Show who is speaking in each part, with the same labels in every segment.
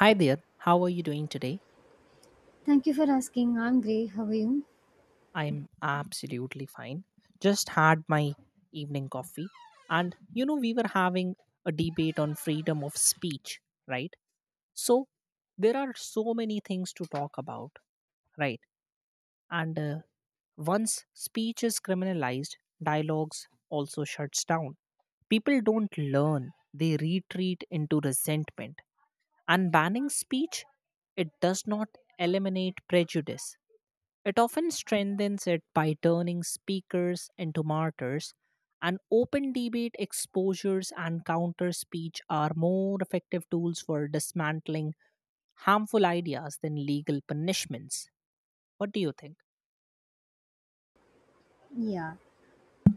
Speaker 1: Hi there, how are you doing today?
Speaker 2: Thank you for asking. I'm great. How are you?
Speaker 1: I'm absolutely fine. Just had my evening coffee, and you know, we were having a debate on freedom of speech, right? So, there are so many things to talk about, right? And Once speech is criminalized, dialogues also shuts down. People don't learn, they retreat into resentment. And banning speech, it does not eliminate prejudice. It often strengthens it by turning speakers into martyrs, and open debate exposures and counter speech are more effective tools for dismantling harmful ideas than legal punishments. What do you think?
Speaker 2: Yeah.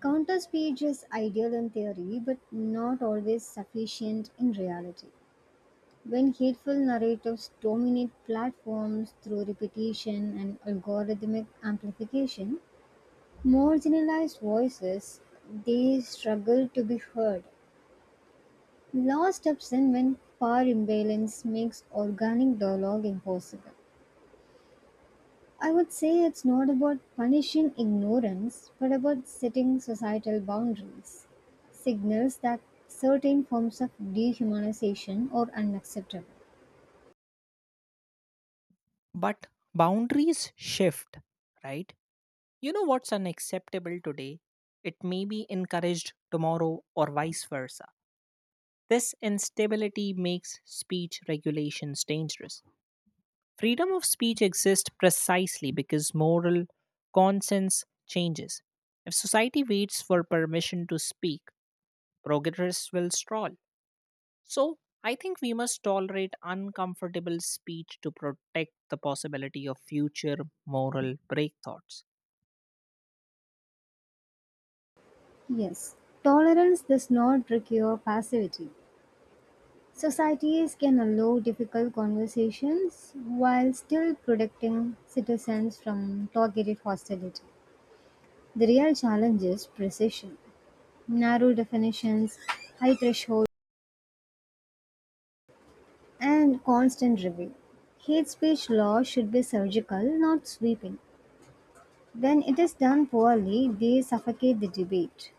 Speaker 2: Counter speech is ideal in theory, but not always sufficient in reality. When hateful narratives dominate platforms through repetition and algorithmic amplification, marginalized voices they struggle to be heard. Law steps in when power imbalance makes organic dialogue impossible. I would say it's not about punishing ignorance, but about setting societal boundaries, signals that certain forms of dehumanization are unacceptable.
Speaker 1: But boundaries shift, right? You know what's unacceptable today? It may be encouraged tomorrow or vice versa. This instability makes speech regulations dangerous. Freedom of speech exists precisely because moral conscience changes. If society waits for permission to speak, progress will stall. So, I think we must tolerate uncomfortable speech to protect the possibility of future moral breakthroughs.
Speaker 2: Yes, tolerance does not require passivity. Societies can allow difficult conversations while still protecting citizens from targeted hostility. The real challenge is precision, narrow definitions, high thresholds. And constant review. Hate speech law should be surgical, not sweeping. When it is done poorly, they suffocate the debate.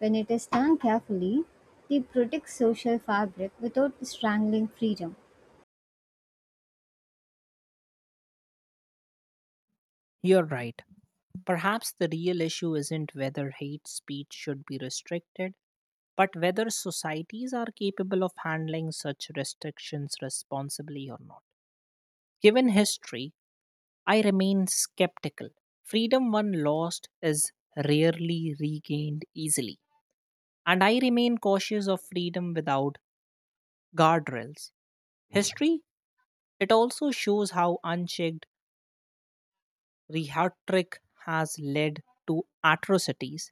Speaker 2: When it is done carefully, they protect social fabric without strangling freedom.
Speaker 1: You're right. Perhaps the real issue isn't whether hate speech should be restricted, but whether societies are capable of handling such restrictions responsibly or not. Given history, I remain skeptical. Freedom one lost is rarely regained easily, and I remain cautious of freedom without guardrails. History, it also shows how unchecked rhetoric has led to atrocities.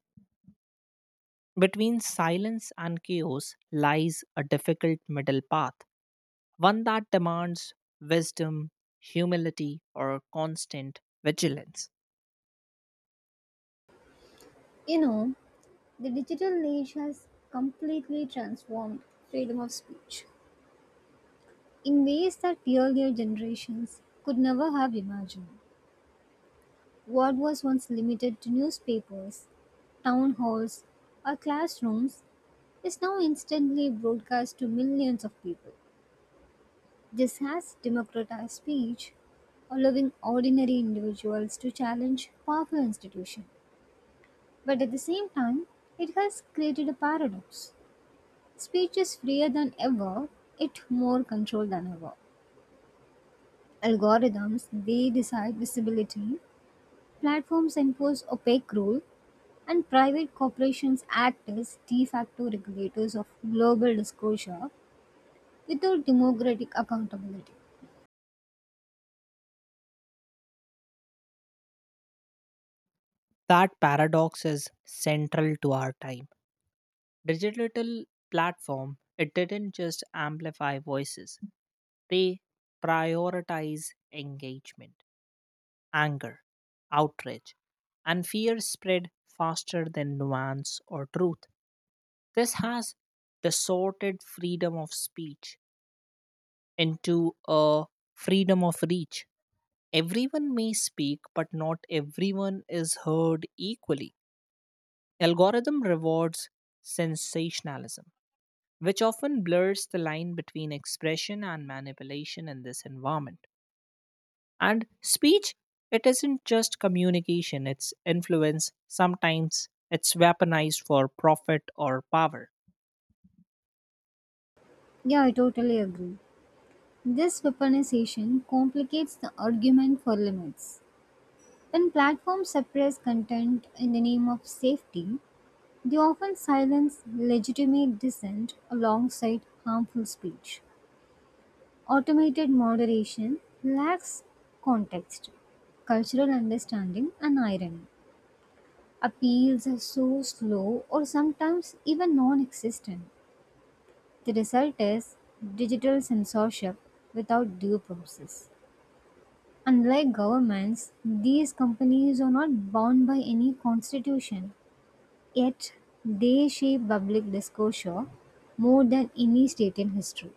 Speaker 1: Between silence and chaos lies a difficult middle path, one that demands wisdom, humility, or constant vigilance.
Speaker 2: You know, the digital age has completely transformed freedom of speech in ways that the earlier generations could never have imagined. What was once limited to newspapers, town halls, or classrooms is now instantly broadcast to millions of people. This has democratized speech, allowing ordinary individuals to challenge powerful institutions. But at the same time, it has created a paradox. Speech is freer than ever, yet more controlled than ever. Algorithms, they decide visibility, platforms enforce opaque rules, and private corporations act as de facto regulators of global disclosure without democratic accountability.
Speaker 1: That paradox is central to our time. Digital platform, it didn't just amplify voices, they prioritize engagement, anger, outrage, and fear spread faster than nuance or truth. This has distorted freedom of speech into a freedom of reach. Everyone may speak but not everyone is heard equally. Algorithm rewards sensationalism, which often blurs the line between expression and manipulation in this environment. And speech, it isn't just communication, it's influence. Sometimes it's weaponized for profit or power.
Speaker 2: Yeah, I totally agree. This weaponization complicates the argument for limits. When platforms suppress content in the name of safety, they often silence legitimate dissent alongside harmful speech. Automated moderation lacks context, cultural understanding, and irony. Appeals are so slow or sometimes even non existent. The result is digital censorship without due process. Unlike governments, these companies are not bound by any constitution, yet they shape public discourse more than any state in history.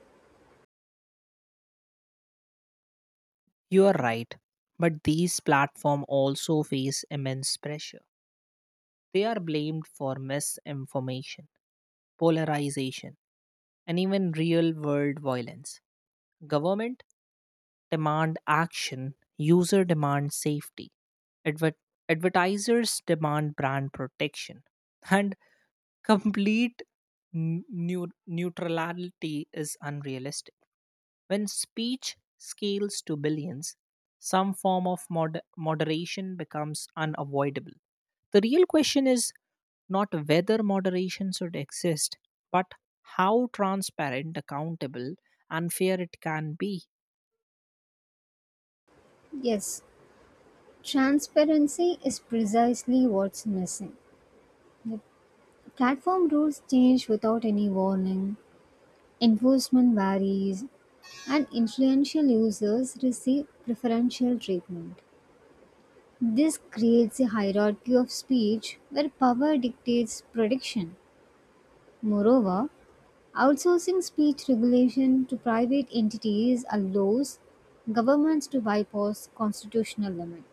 Speaker 1: You are right, but these platforms also face immense pressure. They are blamed for misinformation, polarization, and even real world violence. Government demand action, user demand safety, adver- advertisers demand brand protection, and complete neutrality is unrealistic. When speech scales to billions, some form of moderation becomes unavoidable. The real question is not whether moderation should exist, but how transparent, accountable, and fair it can be.
Speaker 2: Yes, transparency is precisely what's missing. The platform rules change without any warning, enforcement varies, and influential users receive preferential treatment. This creates a hierarchy of speech where power dictates prediction. Moreover, outsourcing speech regulation to private entities allows governments to bypass constitutional limits.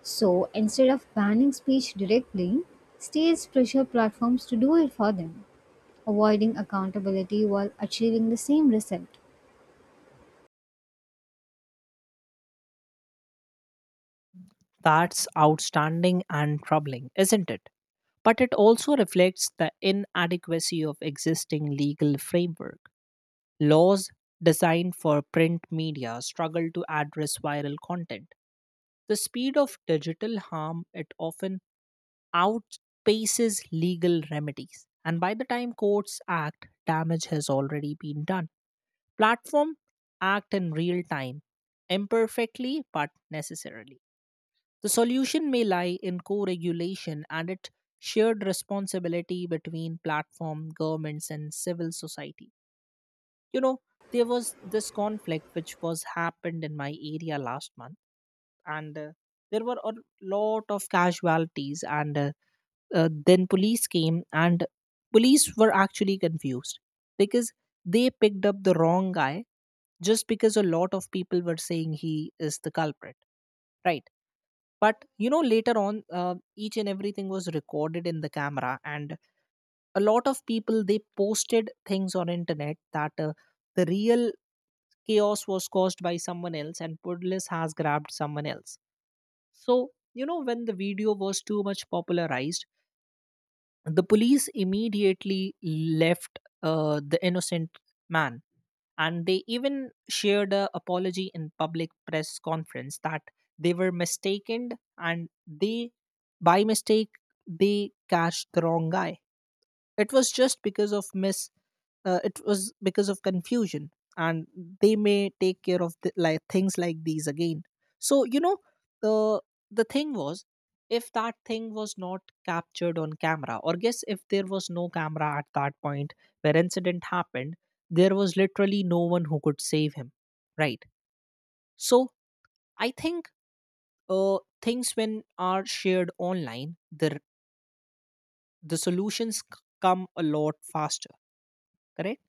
Speaker 2: So instead of banning speech directly, states pressure platforms to do it for them, avoiding accountability while achieving the same result.
Speaker 1: That's outstanding and troubling, isn't it? But it also reflects the inadequacy of existing legal framework. Laws designed for print media struggle to address viral content. The speed of digital harm, it often outpaces legal remedies. And by the time courts act, damage has already been done. Platform act in real time, imperfectly but necessarily. The solution may lie in co-regulation and its shared responsibility between platform, governments and civil society. You know, there was this conflict which was happened in my area last month and there were a lot of casualties and then police came and police were actually confused because they picked up the wrong guy just because a lot of people were saying he is the culprit, right? But you know later on, each and everything was recorded in the camera and a lot of people they posted things on internet that the real chaos was caused by someone else and police has grabbed someone else. So, you know, when the video was too much popularized, the police immediately left the innocent man. And they even shared a apology in public press conference that they were mistaken and they, by mistake, they catch the wrong guy. It was just because of miss. It was because of confusion, and they may take care of the, like things like these again. So you know the the thing was, if that thing was not captured on camera, or guess if there was no camera at that point where incident happened, there was literally no one who could save him, right? So I think things when are shared online, the solutions come a lot faster, correct?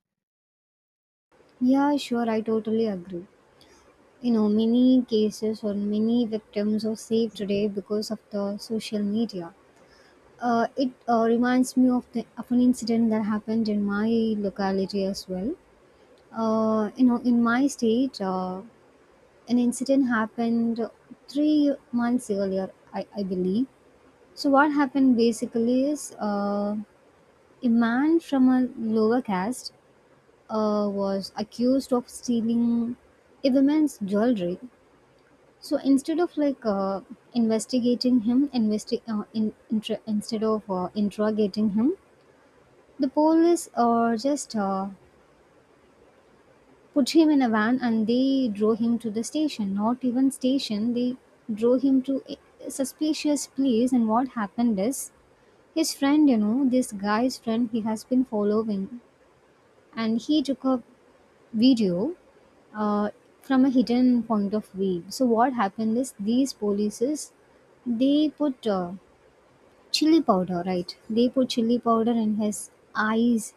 Speaker 2: Yeah, sure, I totally agree. You know, many cases or many victims are saved today because of the social media. It reminds me of the of an incident that happened in my locality as well. You know, in my state, an incident happened 3 months earlier, I believe. So, what happened basically is a man from a lower caste was accused of stealing a woman's jewelry. So, instead of like investigating him, instead of interrogating him, the police just put him in a van and they drove him to the station. Not even station, they drove him to a suspicious place. And what happened is his friend, you know, this guy's friend, he has been following, and he took a video uh, from a hidden point of view. So what happened is these polices they put chili powder, right, they put chili powder in his eyes,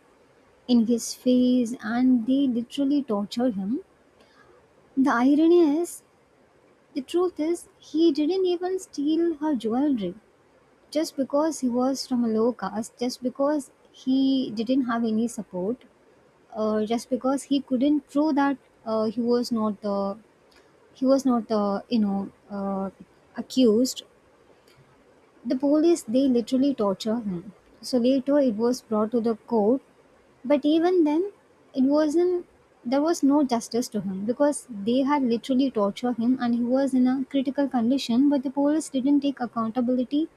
Speaker 2: in his face, and they literally tortured him. The irony is, the truth is, he didn't even steal her jewelry. Just because he was from a low caste, just because he didn't have any support, just because he couldn't prove that he was not the he was not the, accused, the police they literally torture him. So later it was brought to the court, but even then, it wasn't, there was no justice to him because they had literally tortured him and he was in a critical condition, but the police didn't take accountability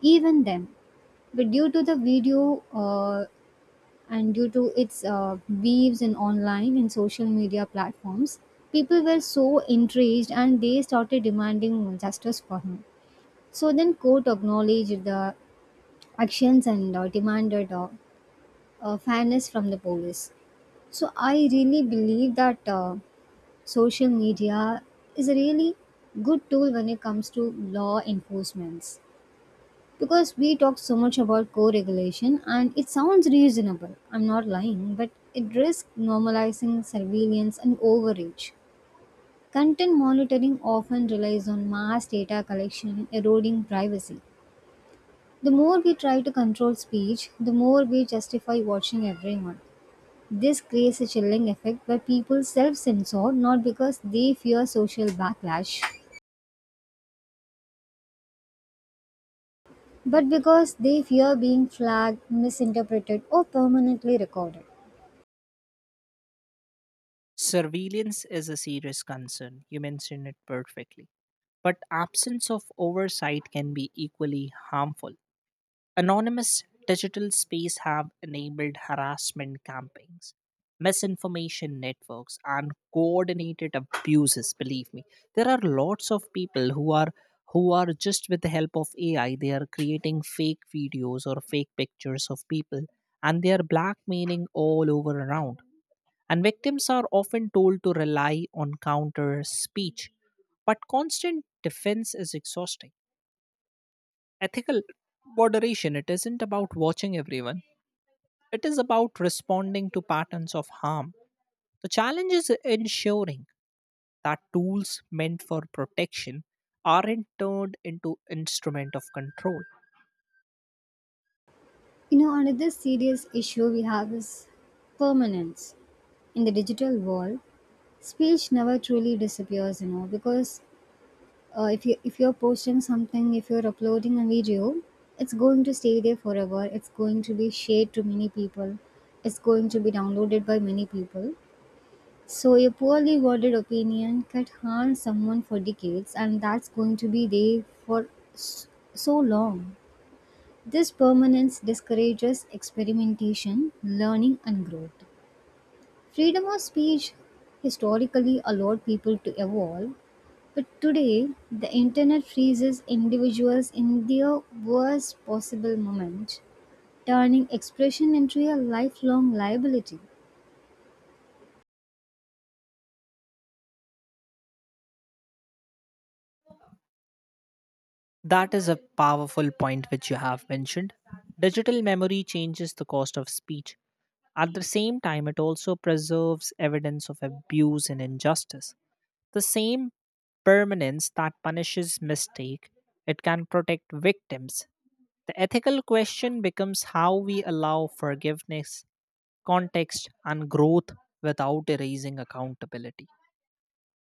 Speaker 2: even then. But due to the video and due to its waves in online and social media platforms, people were so enraged and they started demanding justice for him. So then court acknowledged the actions and demanded fairness from the police. So I really believe that social media is a really good tool when it comes to law enforcements, because we talk so much about co-regulation and it sounds reasonable. I'm not lying, but it risks normalizing surveillance and overreach. Content monitoring often relies on mass data collection, eroding privacy. The more we try to control speech, the more we justify watching everyone. This creates a chilling effect where people self censor not because they fear social backlash, but because they fear being flagged, misinterpreted, or permanently recorded.
Speaker 1: Surveillance is a serious concern. You mentioned it perfectly. But absence of oversight can be equally harmful. Anonymous digital space have enabled harassment campaigns, misinformation networks, and coordinated abuses, believe me. There are lots of people who are just with the help of AI, they are creating fake videos or fake pictures of people and they are blackmailing all over around and victims are often told to rely on counter speech. But constant defense is exhausting. Ethical moderation, it isn't about watching everyone, it is about responding to patterns of harm. The challenge is ensuring that tools meant for protection aren't turned into instrument of control.
Speaker 2: You know, another serious issue we have is permanence. In the digital world, speech never truly disappears, you know, because if, you, if you're posting something, if you're uploading a video, it's going to stay there forever, it's going to be shared to many people, it's going to be downloaded by many people. So a poorly worded opinion can harm someone for decades, and that's going to be there for s- so long. This permanence discourages experimentation, learning, and growth. Freedom of speech historically allowed people to evolve, but today the internet freezes individuals in their worst possible moment, turning expression into a lifelong liability.
Speaker 1: That is a powerful point which you have mentioned. Digital memory changes the cost of speech. At the same time, it also preserves evidence of abuse and injustice. The same permanence that punishes mistake, it can protect victims. The ethical question becomes how we allow forgiveness, context, and growth without erasing accountability.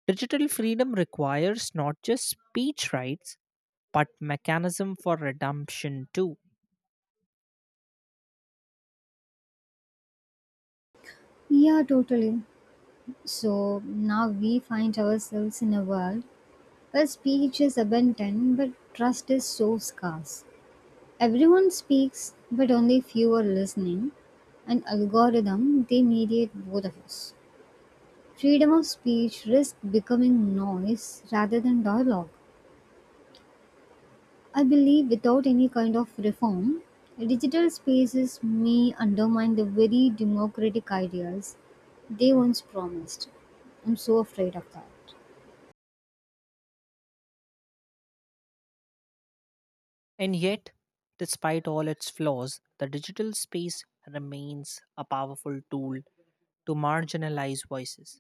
Speaker 1: Digital freedom requires not just speech rights, but mechanism for redemption too.
Speaker 2: Yeah, totally. So now we find ourselves in a world where speech is abundant but trust is so scarce. Everyone speaks, but only few are listening, and algorithm they mediate both of us. Freedom of speech risks becoming noise rather than dialogue. I believe without any kind of reform, digital spaces may undermine the very democratic ideals they once promised. I'm so afraid of that.
Speaker 1: And yet, despite all its flaws, the digital space remains a powerful tool to marginalize voices,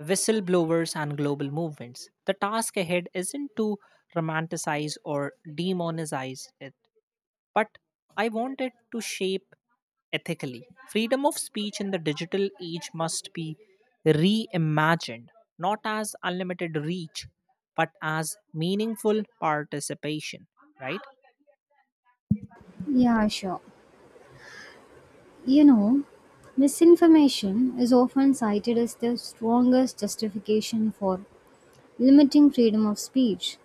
Speaker 1: whistleblowers, and global movements. The task ahead isn't to romanticize or demonize it, but I want it to shape ethically. Freedom of speech in the digital age must be reimagined, not as unlimited reach, but as meaningful participation, right?
Speaker 2: Yeah, sure. You know, misinformation is often cited as the strongest justification for limiting freedom of speech,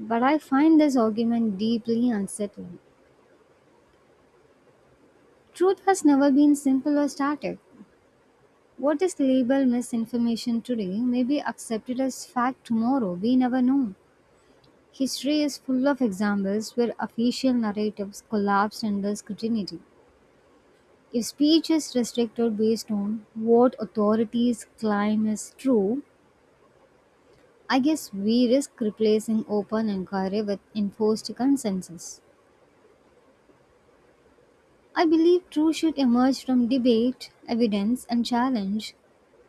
Speaker 2: but I find this argument deeply unsettling. Truth has never been simple or static. What is labeled misinformation today may be accepted as fact tomorrow, we never know. History is full of examples where official narratives collapsed under scrutiny. If speech is restricted based on what authorities claim is true, I guess we risk replacing open inquiry with enforced consensus. I believe truth should emerge from debate, evidence, and challenge,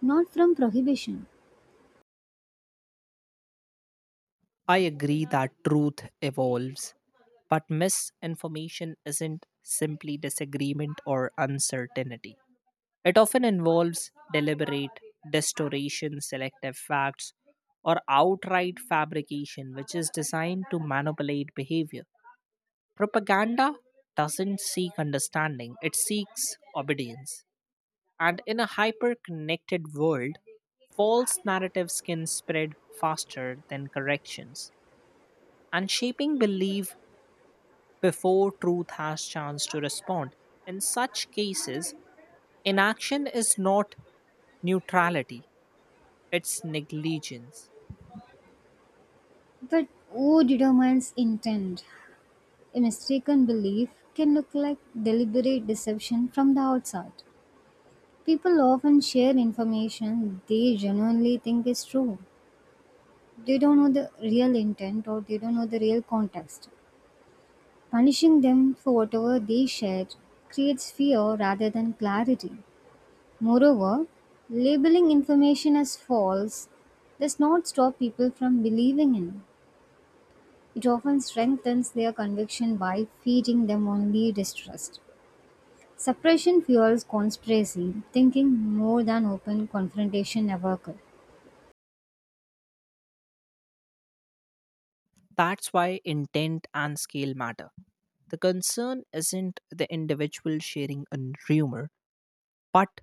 Speaker 2: not from prohibition.
Speaker 1: I agree that truth evolves, but misinformation isn't simply disagreement or uncertainty. It often involves deliberate distortion, selective facts, or outright fabrication, which is designed to manipulate behavior. Propaganda doesn't seek understanding, it seeks obedience. And in a hyper connected world, false narratives can spread faster than corrections and shaping belief before truth has chance to respond. In such cases, inaction is not neutrality, it's negligence.
Speaker 2: But who determines intent? A mistaken belief can look like deliberate deception from the outside. People often share information they genuinely think is true. They don't know the real intent or they don't know the real context. Punishing them for whatever they shared creates fear rather than clarity. Moreover, labeling information as false does not stop people from believing in. It often strengthens their conviction by feeding them only distrust. Suppression fuels conspiracy, thinking more than open confrontation ever could.
Speaker 1: That's why intent and scale matter. The concern isn't the individual sharing a rumor, but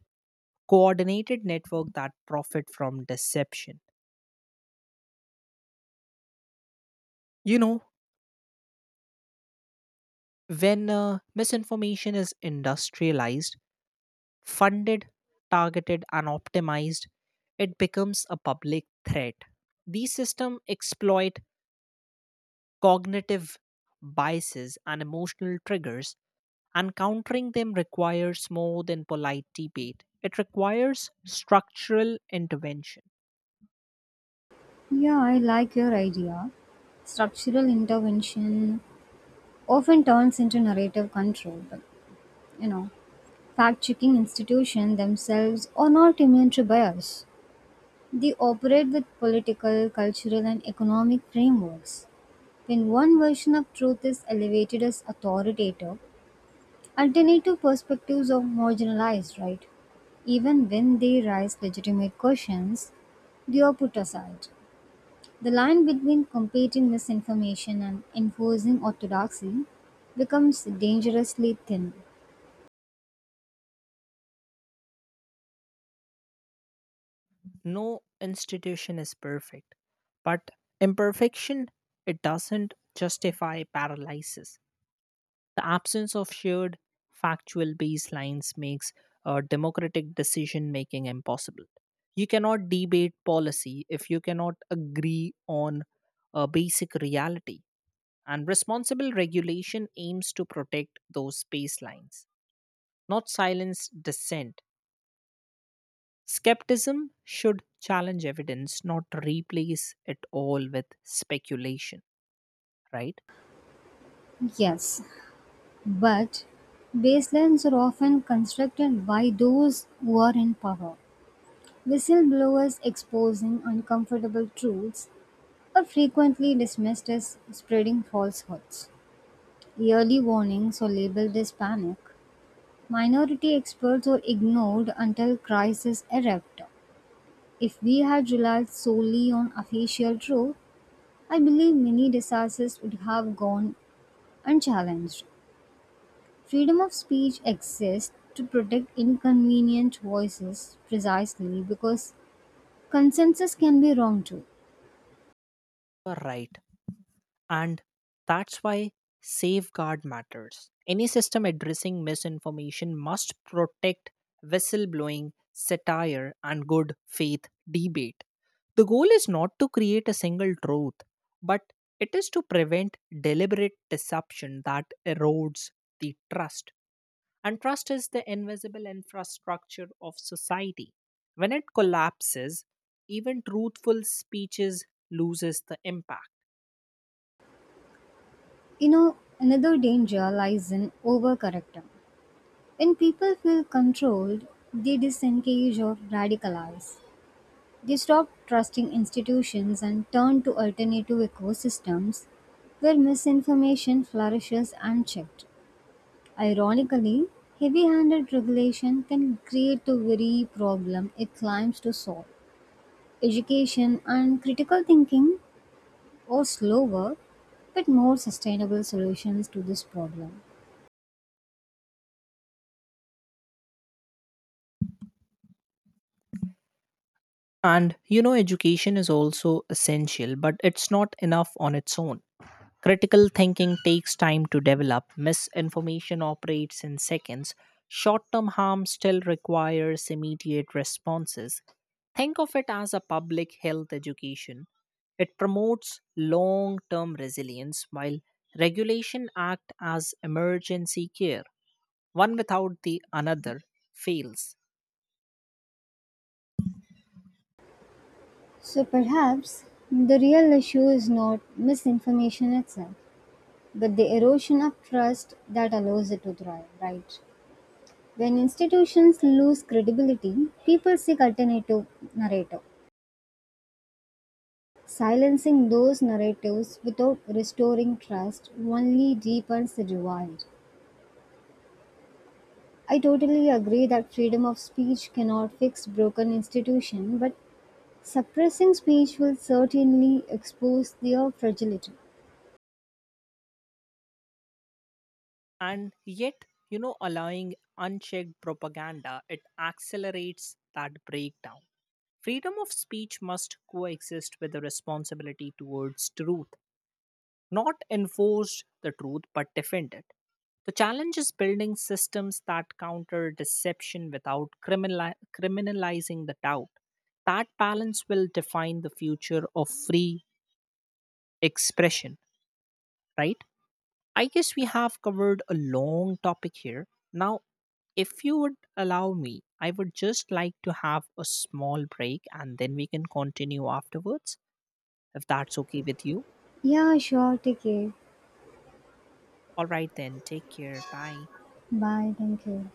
Speaker 1: coordinated network that profit from deception. You know, when misinformation is industrialized, funded, targeted, and optimized, it becomes a public threat. These systems exploit cognitive biases and emotional triggers, and countering them requires more than polite debate. It requires structural intervention.
Speaker 2: Yeah, I like your idea, structural intervention often turns into narrative control, but you know, fact-checking institutions themselves are not immune to bias. They operate with political, cultural, and economic frameworks. When one version of truth is elevated as authoritative, alternative perspectives are marginalized, right? Even when they raise legitimate questions, they are put aside. The line between competing misinformation and enforcing orthodoxy becomes dangerously thin.
Speaker 1: No institution is perfect, but imperfection, it doesn't justify paralysis. The absence of shared factual baselines makes democratic decision making impossible. You cannot debate policy if you cannot agree on a basic reality. And responsible regulation aims to protect those baselines, not silence dissent. Skepticism should challenge evidence, not replace it all with speculation, right?
Speaker 2: Yes, but baselines are often constructed by those who are in power. Whistleblowers exposing uncomfortable truths are frequently dismissed as spreading falsehoods. Early warnings are labeled as panic. Minority experts are ignored until crises erupt. If we had relied solely on official truth, I believe many disasters would have gone unchallenged. Freedom of speech exists to protect inconvenient voices precisely because consensus can be wrong too.
Speaker 1: You're right. And that's why safeguard matters. Any system addressing misinformation must protect whistleblowing, satire, and good faith debate. The goal is not to create a single truth, but it is to prevent deliberate deception that erodes the trust. And trust is the invisible infrastructure of society. When it collapses, even truthful speeches loses the impact.
Speaker 2: You know, another danger lies in overcorrecting. When people feel controlled, they disengage or radicalize. They stop trusting institutions and turn to alternative ecosystems where misinformation flourishes unchecked. Ironically, heavy handed regulation can create the very problem it claims to solve. Education, and critical thinking were slower but more sustainable solutions to this problem.
Speaker 1: And you know education is also essential, but it's not enough on its own. Critical thinking takes time to develop, misinformation operates in seconds, short term harm still requires immediate responses. Think of it as a public health education. It promotes long term resilience while regulation act as emergency care. One without the another fails.
Speaker 2: So perhaps the real issue is not misinformation itself, but the erosion of trust that allows it to thrive, right? When institutions lose credibility, people seek alternative narrative. Silencing those narratives without restoring trust only deepens the divide. I totally agree that freedom of speech cannot fix broken institution, but suppressing speech will certainly expose their fragility.
Speaker 1: And yet, you know, allowing unchecked propaganda, it accelerates that breakdown. Freedom of speech must coexist with the responsibility towards truth, not enforce the truth but defend it. The challenge is building systems that counter deception without criminalizing the doubt. That balance will define the future of free expression, right? I guess we have covered a long topic here. Now, if you would allow me, I would just like to have a small break and then we can continue afterwards. If that's okay with you.
Speaker 2: Yeah, sure. Take care.
Speaker 1: All right, then. Take care. Bye.
Speaker 2: Bye. Thank you.